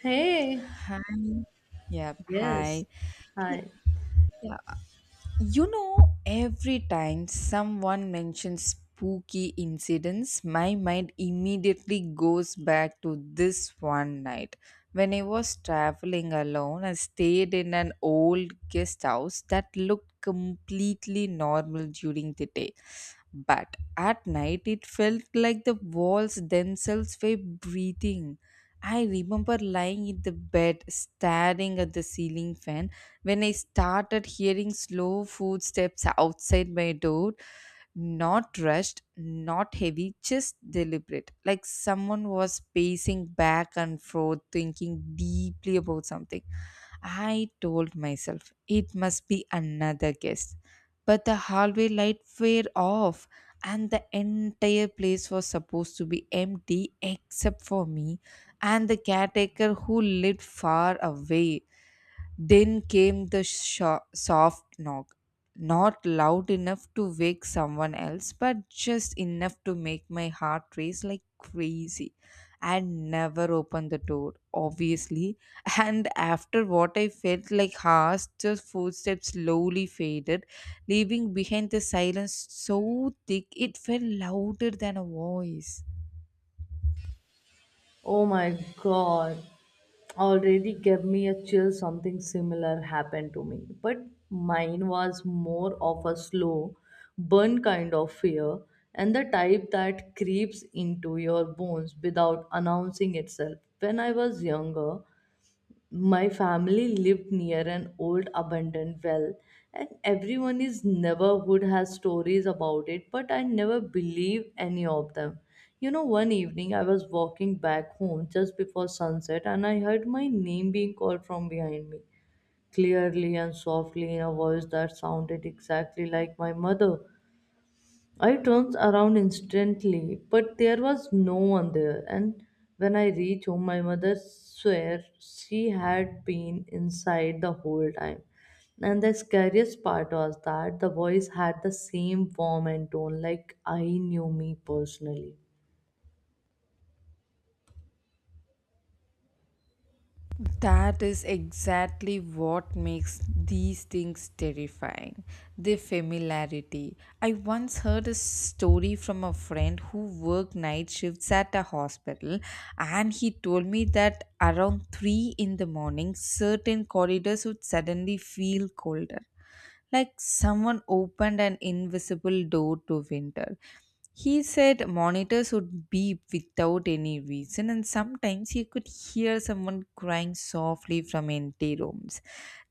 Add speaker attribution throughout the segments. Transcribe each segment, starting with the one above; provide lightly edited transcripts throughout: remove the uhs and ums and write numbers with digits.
Speaker 1: Hey,
Speaker 2: Hi. Yep.
Speaker 1: yes.
Speaker 2: Hi. Hey,
Speaker 1: Hi.
Speaker 2: yeah. You know, every time someone mentions spooky incidents, my mind immediately goes back to this one night. When I was traveling alone, I stayed in an old guest house that looked completely normal during the day. But at night, it felt like the walls themselves were breathing. I remember lying in the bed, staring at the ceiling fan, when I started hearing slow footsteps outside my door. Not rushed, not heavy, just deliberate. Like someone was pacing back and forth, thinking deeply about something. I told myself it must be another guest. But the hallway light were off, and the entire place was supposed to be empty except for me and the caretaker who lived far away. Then came the soft knock, not loud enough to wake someone else, but just enough to make my heart race like crazy. I never opened the door, obviously. And after what I felt like hours, the footsteps slowly faded, leaving behind the silence so thick it felt louder than a voice.
Speaker 1: Oh my God. Already gave me a chill. Something similar happened to me. But mine was more of a slow burn kind of fear and the type that creeps into your bones without announcing itself. When I was younger, my family lived near an old abandoned well, and everyone in his neighborhood has stories about it, but I never believe any of them. You know, one evening I was walking back home just before sunset and I heard my name being called from behind me, clearly and softly in a voice that sounded exactly like my mother. I turned around instantly, but there was no one there. And when I reached home, my mother swore she had been inside the whole time. And the scariest part was that the voice had the same form and tone, like I knew me personally.
Speaker 2: That is exactly what makes these things terrifying. The familiarity. I once heard a story from a friend who worked night shifts at a hospital, and he told me that around 3 in the morning, certain corridors would suddenly feel colder, like someone opened an invisible door to winter. He said monitors would beep without any reason, and sometimes he could hear someone crying softly from empty rooms.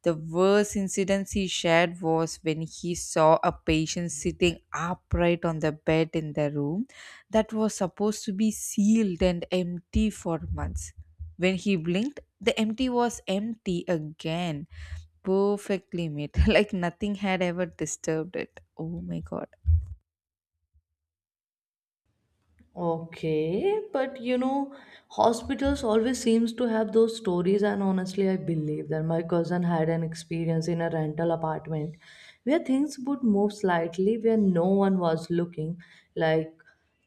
Speaker 2: The worst incident he shared was when he saw a patient sitting upright on the bed in the room that was supposed to be sealed and empty for months. When he blinked, the empty was empty again, perfectly made, like nothing had ever disturbed it. Oh my god.
Speaker 1: Okay, but you know, hospitals always seems to have those stories and honestly I believe that my cousin had an experience in a rental apartment where things would move slightly where no one was looking, like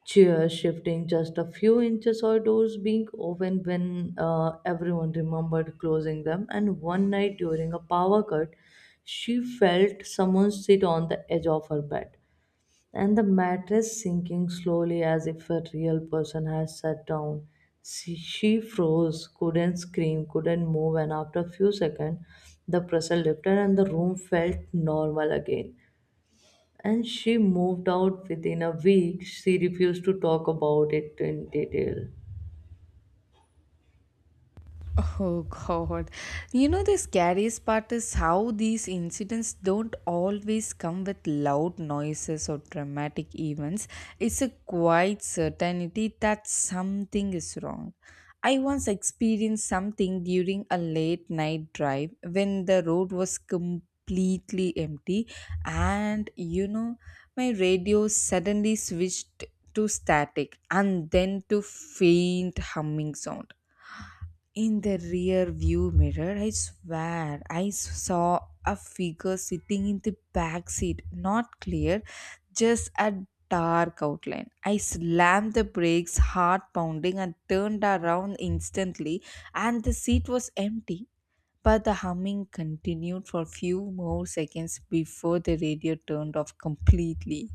Speaker 1: chairs shifting just a few inches or doors being opened when everyone remembered closing them and one night during a power cut, she felt someone sit on the edge of her bed and the mattress sinking slowly as if a real person had sat down. She froze, couldn't scream, couldn't move, and after a few seconds, the pressure lifted and the room felt normal again. And she moved out within a week. She refused to talk about it in detail.
Speaker 2: Oh God. You know, the scariest part is how these incidents don't always come with loud noises or dramatic events. It's a quiet certainty that something is wrong. I once experienced something during a late night drive when the road was completely empty, and you know, my radio suddenly switched to static and then to faint humming sound. In the rear view mirror, I swear I saw a figure sitting in the back seat, not clear, just a dark outline. I slammed the brakes, heart pounding, and turned around instantly, and the seat was empty. But the humming continued for a few more seconds before the radio turned off completely.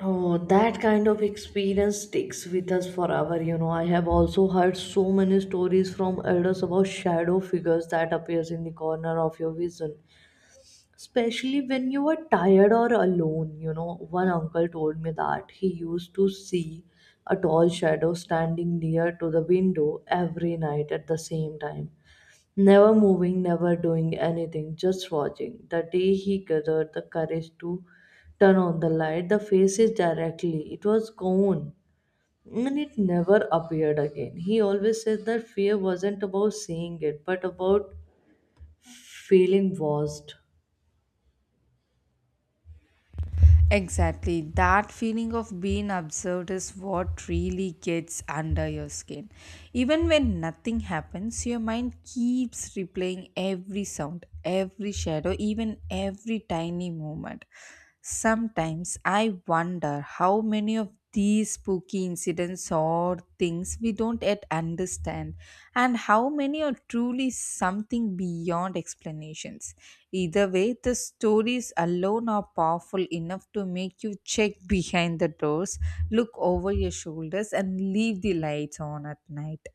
Speaker 1: Oh, that kind of experience sticks with us forever. You know, I have also heard so many stories from elders about shadow figures that appears in the corner of your vision, especially when you were tired or alone, you know. One uncle told me that he used to see a tall shadow standing near to the window every night at the same time. Never moving, never doing anything, just watching. The day he gathered the courage to turn on the light, the face is directly, it was gone. And it never appeared again. He always said that fear wasn't about seeing it, but about feeling lost.
Speaker 2: Exactly. That feeling of being observed is what really gets under your skin. Even when nothing happens, your mind keeps replaying every sound, every shadow, even every tiny movement. Sometimes I wonder how many of these spooky incidents or things we don't yet understand, and how many are truly something beyond explanations. Either way, the stories alone are powerful enough to make you check behind the doors, look over your shoulders, and leave the lights on at night.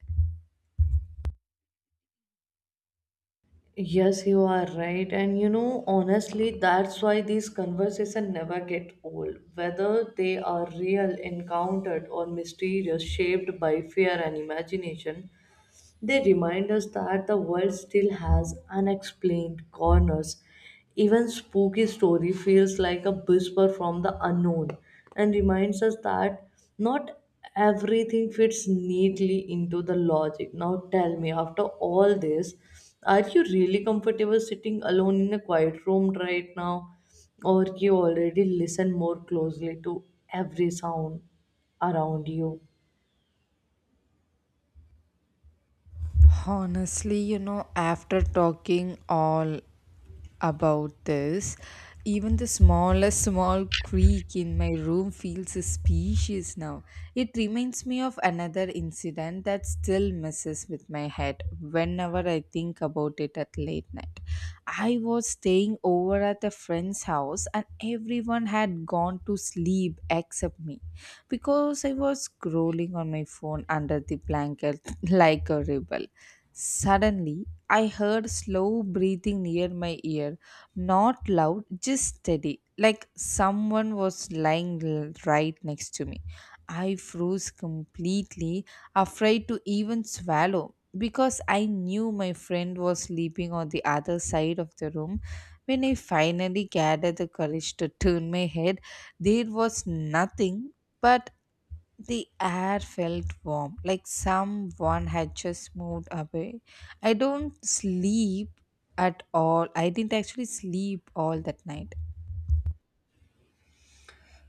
Speaker 1: Yes, you are right. And you know, honestly, that's why these conversations never get old. Whether they are real, encountered, or mysterious, shaped by fear and imagination, they remind us that the world still has unexplained corners. Even spooky story feels like a whisper from the unknown and reminds us that not everything fits neatly into the logic. Now tell me, after all this, are you really comfortable sitting alone in a quiet room right now? Or you already listen more closely to every sound around you?
Speaker 2: Honestly, you know, after talking all about this. Even the smallest small creak in my room feels suspicious now. It reminds me of another incident that still messes with my head whenever I think about it at late night. I was staying over at a friend's house and everyone had gone to sleep except me because I was scrolling on my phone under the blanket like a rebel. Suddenly, I heard slow breathing near my ear, not loud, just steady, like someone was lying right next to me. I froze completely, afraid to even swallow because I knew my friend was sleeping on the other side of the room. When I finally gathered the courage to turn my head, there was nothing but the air felt warm, like someone had just moved away. I don't sleep at all. I didn't actually sleep all that night.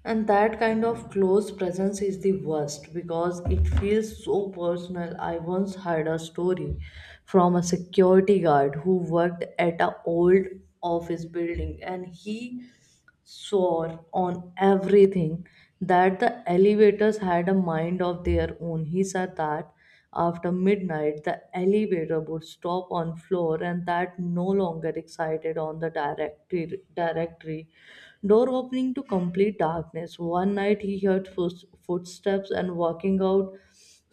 Speaker 1: And that kind of close presence is the worst because it feels so personal. I once heard a story from a security guard who worked at an old office building and he swore on everything that the elevators had a mind of their own. He said that after midnight the elevator would stop on floor and that no longer excited on the directory door opening to complete darkness. One night he heard footsteps and walking out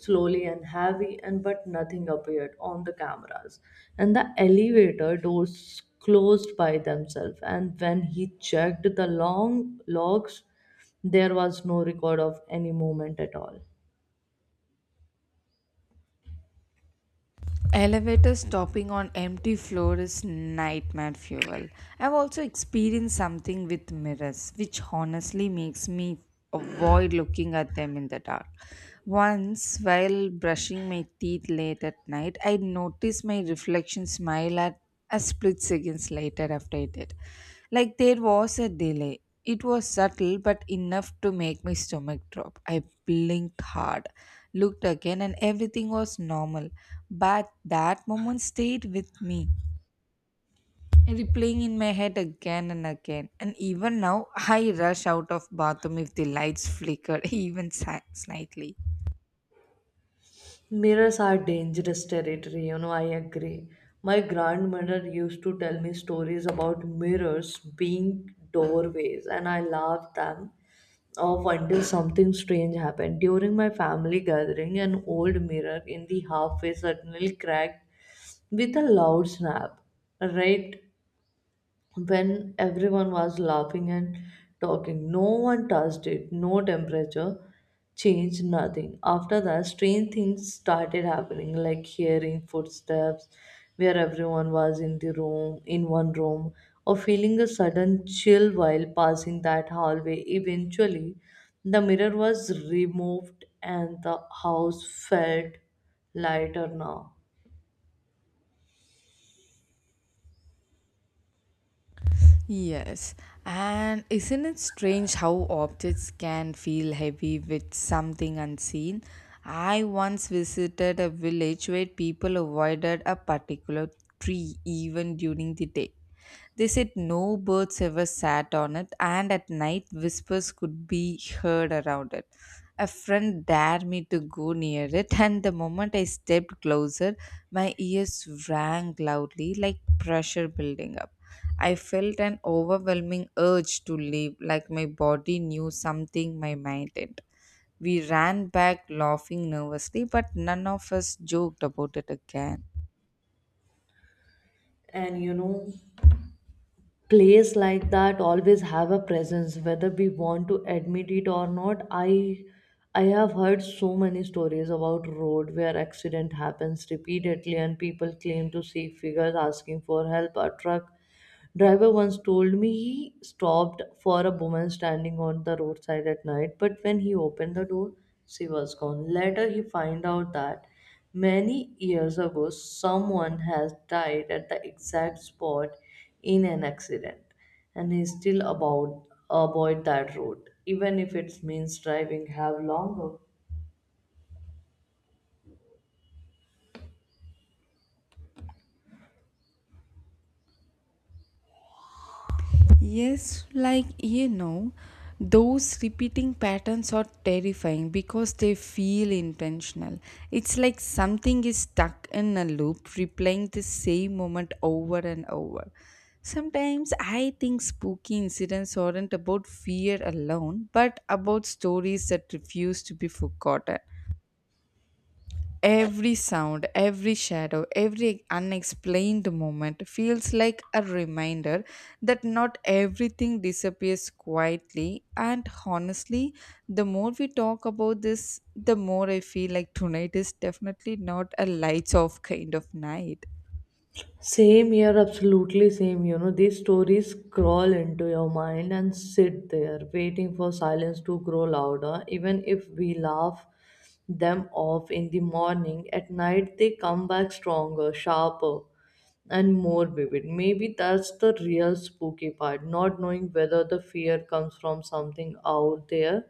Speaker 1: slowly and heavy, and but nothing appeared on the cameras. And the elevator doors closed by themselves. And when he checked the long logs, there was no record of any movement at all.
Speaker 2: Elevator stopping on empty floor is nightmare fuel. I've also experienced something with mirrors, which honestly makes me avoid looking at them in the dark. Once, while brushing my teeth late at night, I noticed my reflection smile at a split seconds later after I did. Like there was a delay. It was subtle but enough to make my stomach drop. I blinked hard, looked again, and everything was normal. But that moment stayed with me, replaying in my head again and again. And even now, I rush out of bathroom if the lights flicker even slightly.
Speaker 1: Mirrors are dangerous territory, you know, I agree. My grandmother used to tell me stories about mirrors being doorways, and I laughed them off until something strange happened. During my family gathering, an old mirror in the halfway suddenly cracked with a loud snap, right? When everyone was laughing and talking. No one touched it, no temperature change, nothing. After that, strange things started happening, like hearing footsteps where everyone was in the room, in one room, or feeling a sudden chill while passing that hallway. Eventually, the mirror was removed and the house felt lighter now.
Speaker 2: Yes, and isn't it strange how objects can feel heavy with something unseen? I once visited a village where people avoided a particular tree even during the day. They said no birds ever sat on it, and at night whispers could be heard around it. A friend dared me to go near it, and the moment I stepped closer, my ears rang loudly like pressure building up. I felt an overwhelming urge to leave, like my body knew something my mind didn't. We ran back laughing nervously, but none of us joked about it again.
Speaker 1: And you know, place like that always have a presence whether we want to admit it or not. I have heard so many stories about road where accident happens repeatedly and people claim to see figures asking for help or truck driver once told me he stopped for a woman standing on the roadside at night, but when he opened the door, she was gone. Later, he found out that many years ago, someone has died at the exact spot in an accident, and he still about avoid that road, even if it means driving have longer.
Speaker 2: Yes, like you know, those repeating patterns are terrifying because they feel intentional. It's like something is stuck in a loop, replaying the same moment over and over. Sometimes I think spooky incidents aren't about fear alone, but about stories that refuse to be forgotten. Every sound, every shadow, every unexplained moment feels like a reminder that not everything disappears quietly. And honestly, the more we talk about this, the more I feel like tonight is definitely not a lights off kind of night.
Speaker 1: Same here, absolutely same. You know, these stories crawl into your mind and sit there, waiting for silence to grow louder. Even if we laugh them off in the morning, at night they come back stronger, sharper, and more vivid. Maybe that's the real spooky part, not knowing whether the fear comes from something out there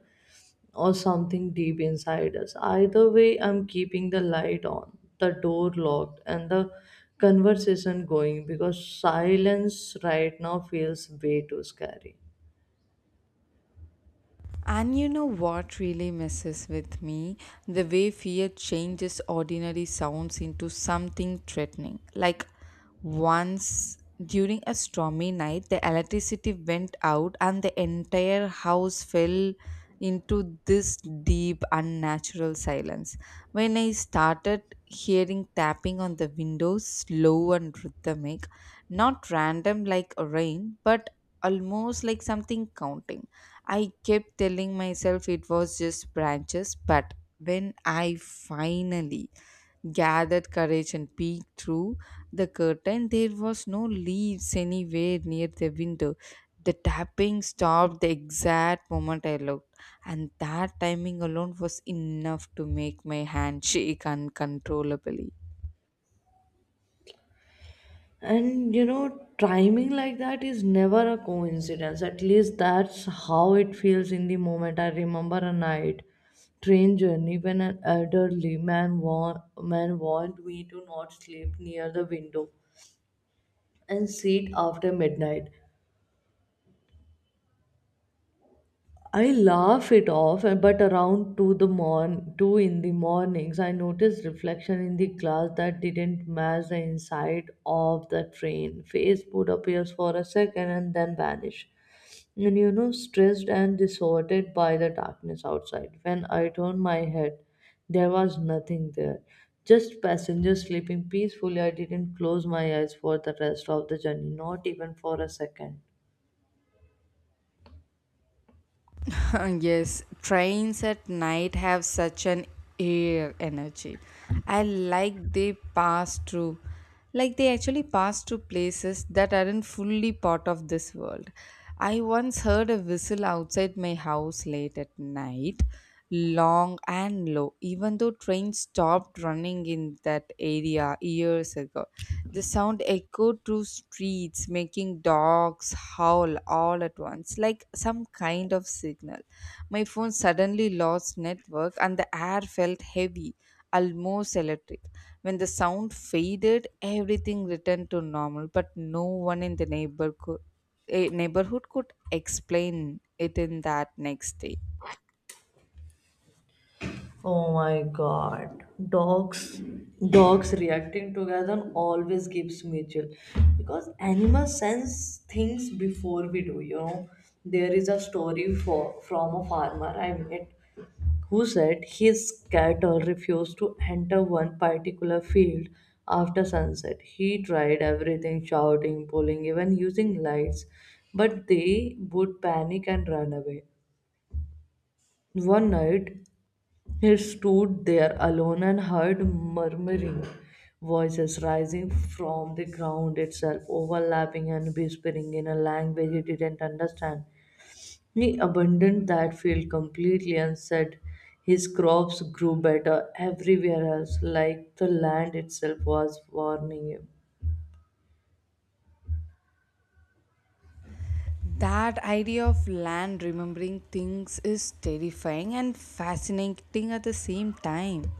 Speaker 1: or something deep inside us. Either way, I'm keeping the light on, the door locked, and the conversation going because silence right now feels way too scary.
Speaker 2: And you know what really messes with me? The way fear changes ordinary sounds into something threatening. Like once during a stormy night, the electricity went out and the entire house fell into this deep, unnatural silence. When I started hearing tapping on the windows, slow and rhythmic, not random like rain, but almost like something counting, I kept telling myself it was just branches, but when I finally gathered courage and peeked through the curtain, there was no leaves anywhere near the window. The tapping stopped the exact moment I looked, and that timing alone was enough to make my hand shake uncontrollably.
Speaker 1: And you know, timing like that is never a coincidence. At least that's how it feels in the moment. I remember a night train journey when an elderly man warned me to not sleep near the window and sit after midnight. I laugh it off, but around two the morn, two in the mornings, I noticed reflection in the glass that didn't match the inside of the train. Face would appears for a second and then vanish. And you know, stressed and disordered by the darkness outside. When I turned my head, there was nothing there. Just passengers sleeping peacefully. I didn't close my eyes for the rest of the journey, not even for a second.
Speaker 2: Yes, trains at night have such an air energy. I like they pass through, like they actually pass through places that aren't fully part of this world. I once heard a whistle outside my house late at night, long and low, even though trains stopped running in that area years ago. The sound echoed through streets, making dogs howl all at once, like some kind of signal. My phone suddenly lost network, and the air felt heavy, almost electric. When the sound faded, everything returned to normal, but no one in the neighborhood. Neighborhood could explain it in that next day.
Speaker 1: Oh my god. Dogs dogs reacting together always gives me chill because animals sense things before we do, you know. There is a story for from a farmer I met who said his cattle refused to enter one particular field after sunset. He tried everything, shouting, pulling, even using lights, but they would panic and run away. One night he stood there alone and heard murmuring voices rising from the ground itself, overlapping and whispering in a language he didn't understand. He abandoned that field completely and said his crops grew better everywhere else, like the land itself was warning him.
Speaker 2: That idea of land remembering things is terrifying and fascinating at the same time.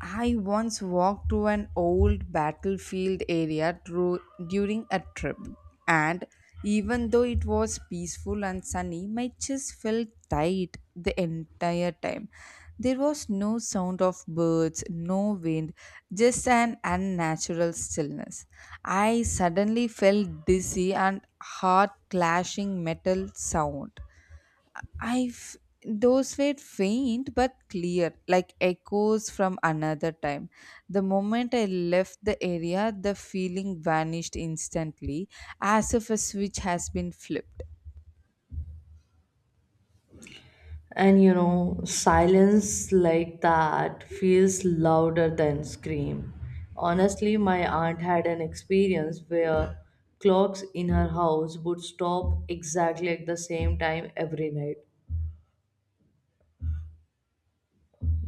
Speaker 2: I once walked through an old battlefield area through, during a trip, and even though it was peaceful and sunny, my chest felt tight the entire time. There was no sound of birds, no wind, just an unnatural stillness. I suddenly felt dizzy and heart clashing metal sound. I've Those were faint but clear, like echoes from another time. The moment I left the area, the feeling vanished instantly, as if a switch has been flipped.
Speaker 1: And you know, silence like that feels louder than scream. Honestly, my aunt had an experience where clocks in her house would stop exactly at the same time every night.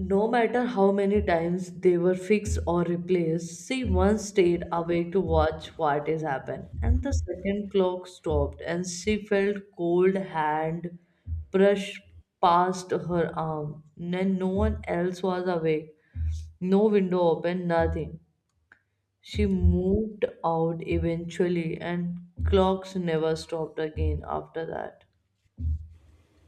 Speaker 1: No matter how many times they were fixed or replaced, she once stayed awake to watch what is happened. And the second clock stopped, and she felt cold hand brush past her arm. And no one else was awake. No window open, nothing. She moved out eventually, and clocks never stopped again after that.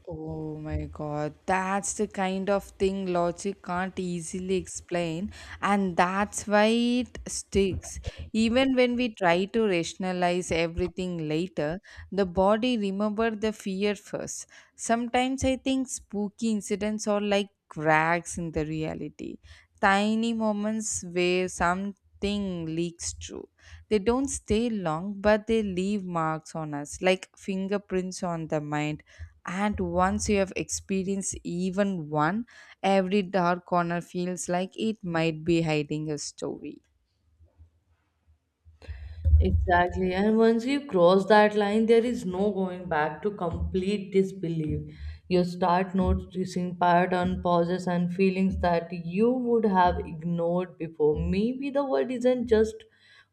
Speaker 2: Oh my god, that's the kind of thing logic can't easily explain, and that's why it sticks. Even when we try to rationalize everything later, the body remember the fear first. Sometimes I think spooky incidents are like cracks in the reality, tiny moments where something thing leaks through. They don't stay long, but they leave marks on us, like fingerprints on the mind. And once you have experienced even one, every dark corner feels like it might be hiding a story.
Speaker 1: Exactly. And once you cross that line, there is no going back to complete disbelief. You start noticing pattern, pauses, and feelings that you would have ignored before. Maybe the world isn't just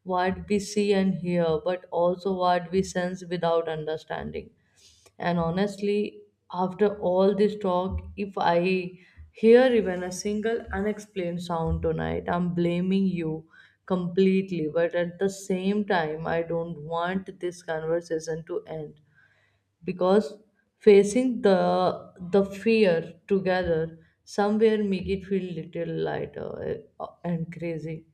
Speaker 1: what we see and hear, but also what we sense without understanding. And honestly, after all this talk, if I hear even a single unexplained sound tonight, I'm blaming you completely. But at the same time, I don't want this conversation to end because facing the fear together somewhere make it feel little lighter and crazy.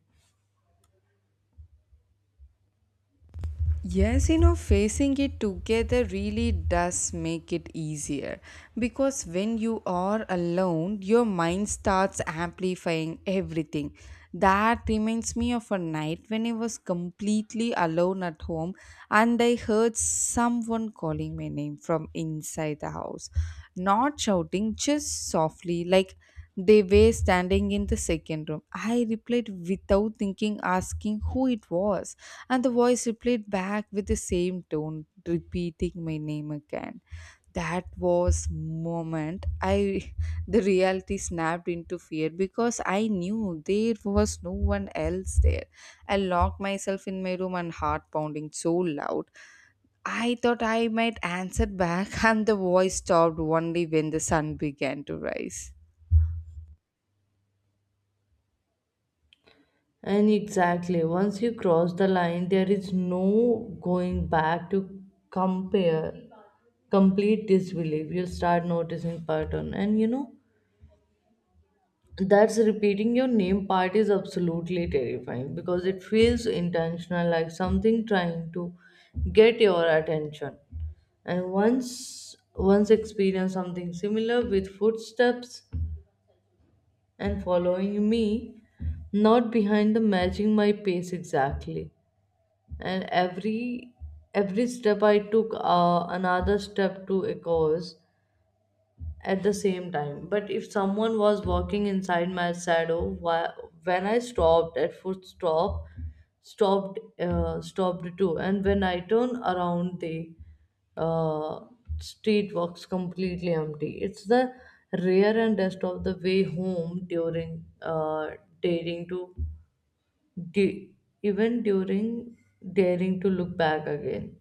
Speaker 2: Yes, you know, facing it together really does make it easier because when you are alone, your mind starts amplifying everything. That reminds me of a night when I was completely alone at home and I heard someone calling my name from inside the house. Not shouting, just softly, like they were standing in the second room. I replied without thinking, asking who it was, and the voice replied back with the same tone, repeating my name again. That was moment I the reality snapped into fear because I knew there was no one else there. I locked myself in my room and heart pounding so loud. I thought I might answer back and the voice stopped only when the sun began to rise.
Speaker 1: And exactly, once you cross the line, there is no going back to compare, complete disbelief. You'll start noticing pattern, and you know that's repeating your name part is absolutely terrifying because it feels intentional, like something trying to get your attention. And once experience something similar with footsteps and following me, not behind the matching my pace exactly and every step I took another step to a cause at the same time but if someone was walking inside my shadow why, when I stopped at foot stop stopped stopped too and when I turn around the uh, street walks completely empty it's the rare and rest of the way home during daring to du- even during daring to look back again.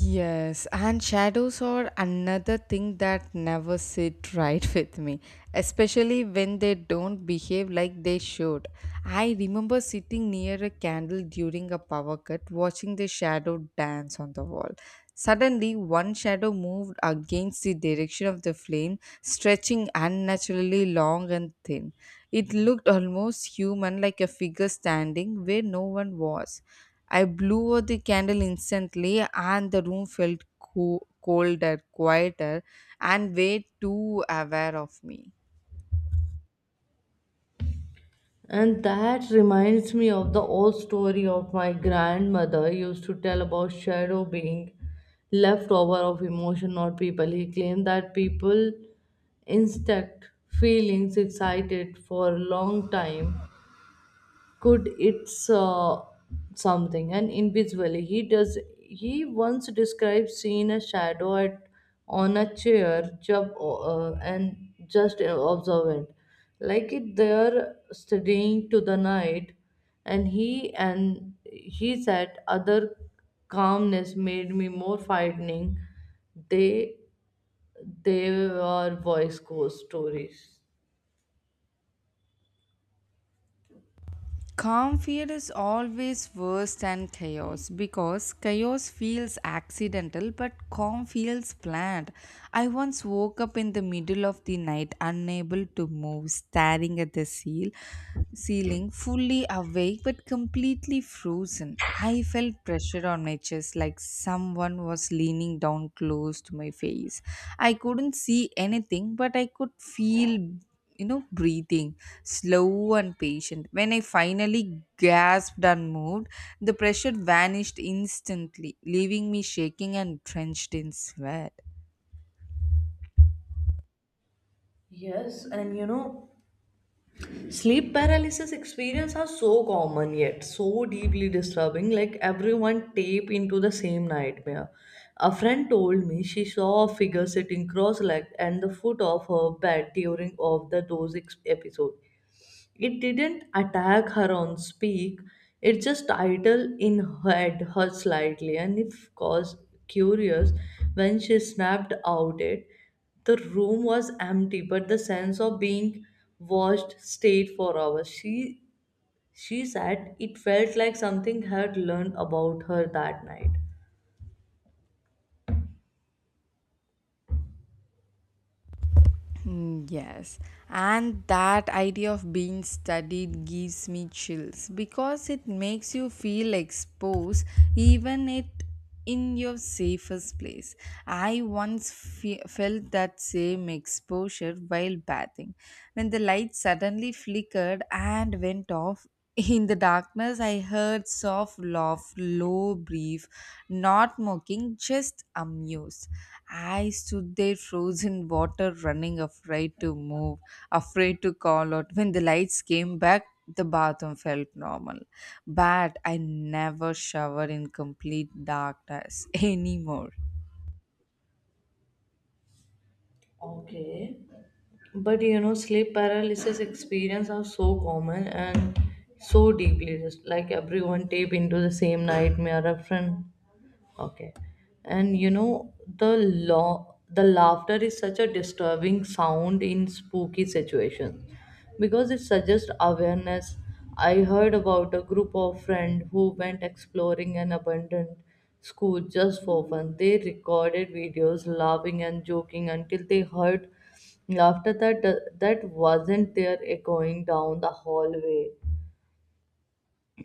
Speaker 2: Yes, and shadows are another thing that never sit right with me, especially when they don't behave like they should. I remember sitting near a candle during a power cut, watching the shadow dance on the wall. Suddenly, one shadow moved against the direction of the flame, stretching unnaturally long and thin. It looked almost human, like a figure standing where no one was. I blew out the candle instantly, and the room felt colder, quieter, and way too aware of me.
Speaker 1: And that reminds me of the old story of my grandmother used to tell about shadow being leftover of emotion, not people. He claimed that people instinct feelings excited for a long time could it's something and invisibly, he does he once described seeing a shadow at on a chair job and just observant like it there studying to the night and he said other calmness made me more frightening they they were voice ghost stories.
Speaker 2: Calm fear is always worse than chaos because chaos feels accidental but calm feels planned. I once woke up in the middle of the night unable to move, staring at the seal ceiling, fully awake but completely frozen. I felt pressure on my chest like someone was leaning down close to my face. I couldn't see anything but I could feel breathing, slow and patient. When I finally gasped and moved, the pressure vanished instantly, leaving me shaking and drenched in sweat.
Speaker 1: Yes, and you know, sleep paralysis experience are so common yet so deeply disturbing, like everyone tape into the same nightmare. A friend told me she saw a figure sitting cross-legged at the foot of her bed during of the those episode. It didn't attack her on speak, it just idle in head her slightly, and if cause curious, when she snapped out it, the room was empty, but the sense of being watched stayed for hours. She said it felt like something had learned about her that night.
Speaker 2: Mm, yes, and that idea of being studied gives me chills because it makes you feel exposed, even it in your safest place. I once felt that same exposure while bathing when the light suddenly flickered and went off. In the darkness, I heard soft laugh, low, brief, not mocking, just amused. I stood there, frozen, water running, afraid to move, afraid to call out. When the lights came back, the bathroom felt normal. But I never shower in complete darkness anymore.
Speaker 1: Okay. But you know, sleep paralysis experience are so common and so deeply just like everyone tape into the same nightmare a friend. Okay. And you know, the laughter is such a disturbing sound in spooky situations because it suggests awareness. I heard about a group of friends who went exploring an abandoned school just for fun. They recorded videos laughing and joking until they heard laughter that wasn't there echoing down the hallway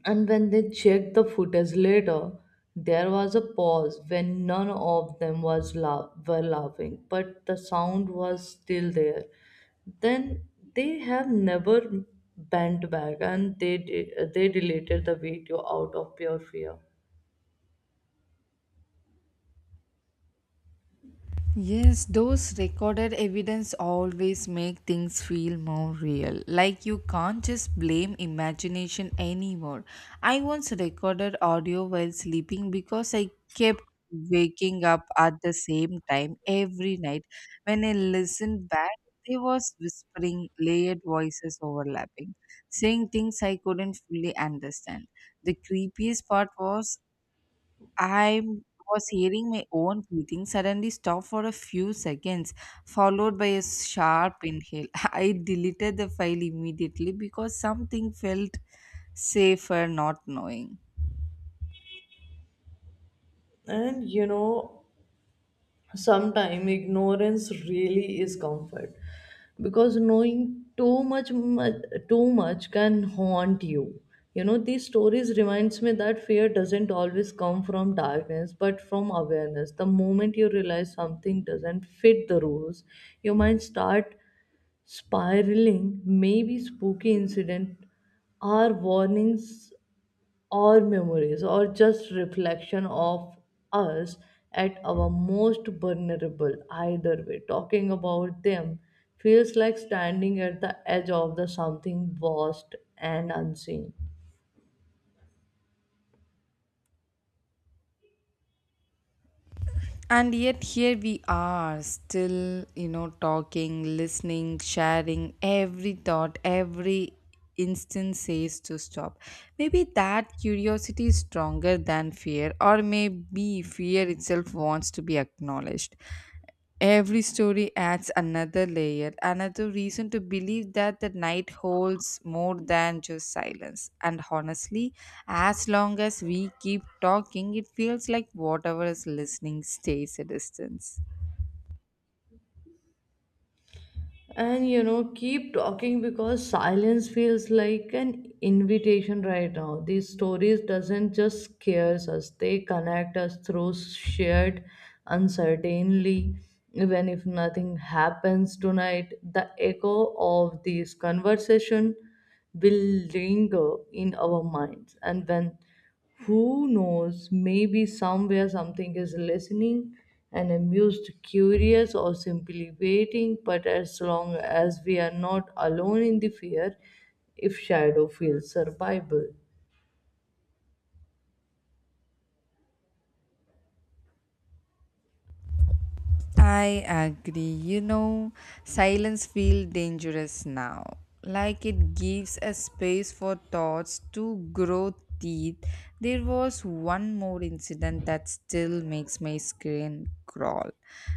Speaker 1: and when they checked the footage later, there was a pause when none of them were laughing, but the sound was still there. Then they have never bent back, and they deleted the video out of pure fear.
Speaker 2: Yes, those recorded evidence always make things feel more real. Like, you can't just blame imagination anymore. I once recorded audio while sleeping because I kept waking up at the same time every night. When I listened back, there was whispering, layered voices overlapping, saying things I couldn't fully understand. The creepiest part was, I was hearing my own breathing suddenly stop for a few seconds, followed by a sharp inhale. I deleted the file immediately because something felt safer not knowing.
Speaker 1: And you know, sometimes ignorance really is comfort because knowing too much, much too much can haunt you. You know these stories reminds me that fear doesn't always come from darkness but from awareness, the moment you realize something doesn't fit the rules your mind start spiraling. Maybe spooky incident are warnings or memories or just reflection of us at our most vulnerable. Either way talking about them feels like standing at the edge of the something vast and unseen.
Speaker 2: And yet, here we are, still, you know, talking, listening, sharing. Every thought, every instant says to stop. Maybe that curiosity is stronger than fear, or maybe fear itself wants to be acknowledged. Every story adds another layer, another reason to believe that the night holds more than just silence. And honestly, as long as we keep talking, it feels like whatever is listening stays a distance.
Speaker 1: And you know, keep talking because silence feels like an invitation right now. These stories doesn't just scares us; they connect us through shared uncertainty. Even if nothing happens tonight, the echo of this conversation will linger in our minds. And when who knows, maybe somewhere something is listening and amused, curious, or simply waiting. But as long as we are not alone in the fear, if shadow feels survival.
Speaker 2: I agree. You know, silence feels dangerous now. Like it gives a space for thoughts to grow teeth. There was one more incident that still makes my skin crawl.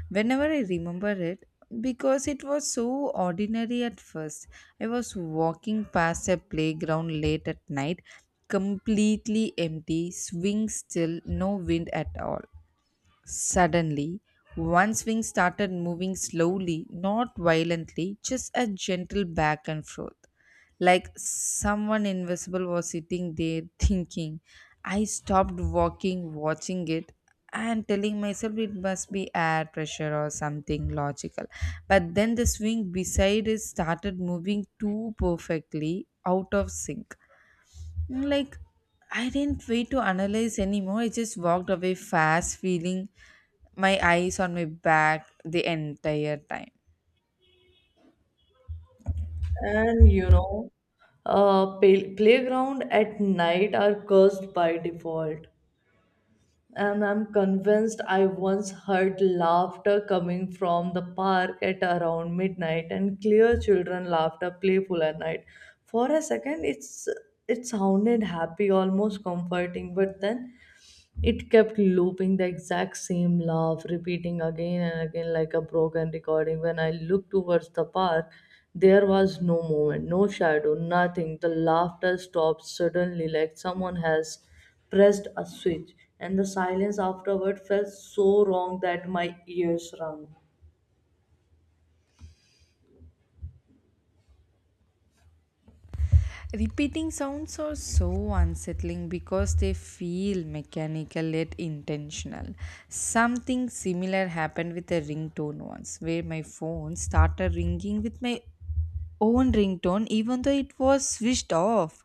Speaker 2: Whenever I remember it, because it was so ordinary at first. I was walking past a playground late at night, completely empty, swing still, no wind at all. Suddenly, one swing started moving slowly, not violently, just a gentle back and forth. Like someone invisible was sitting there thinking. I stopped walking, watching it, and telling myself it must be air pressure or something logical. But then the swing beside it started moving too, perfectly out of sync. Like, I didn't wait to analyze anymore. I just walked away fast, feeling my eyes on my back the entire time.
Speaker 1: And you know, playground at night are cursed by default. And I'm convinced I once heard laughter coming from the park at around midnight and clear children laughter playful at night. For a second it sounded happy, almost comforting, but then it kept looping the exact same laugh, repeating again and again like a broken recording. When I looked towards the park, there was no movement, no shadow, nothing. The laughter stopped suddenly, like someone has pressed a switch, and the silence afterward felt so wrong that my ears rang.
Speaker 2: Repeating sounds are so unsettling because they feel mechanical yet intentional. Something similar happened with a ringtone once, where my phone started ringing with my own ringtone even though it was switched off.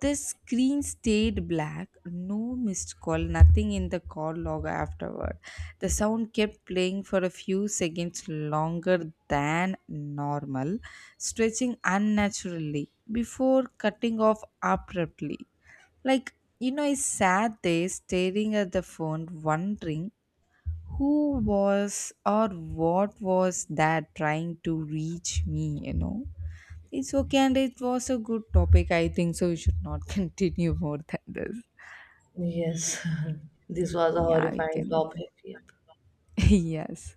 Speaker 2: The screen stayed black, no missed call, nothing in the call log afterward. The sound kept playing for a few seconds longer than normal, stretching unnaturally before cutting off abruptly. Like, you know, I sat there staring at the phone, wondering who was or what was that trying to reach me, you know? It's okay, and it was a good topic. I think so. We should not continue more than this.
Speaker 1: Yes, this was a
Speaker 2: Yeah, we
Speaker 1: horrifying
Speaker 2: can.
Speaker 1: topic. Yep.
Speaker 2: Yes.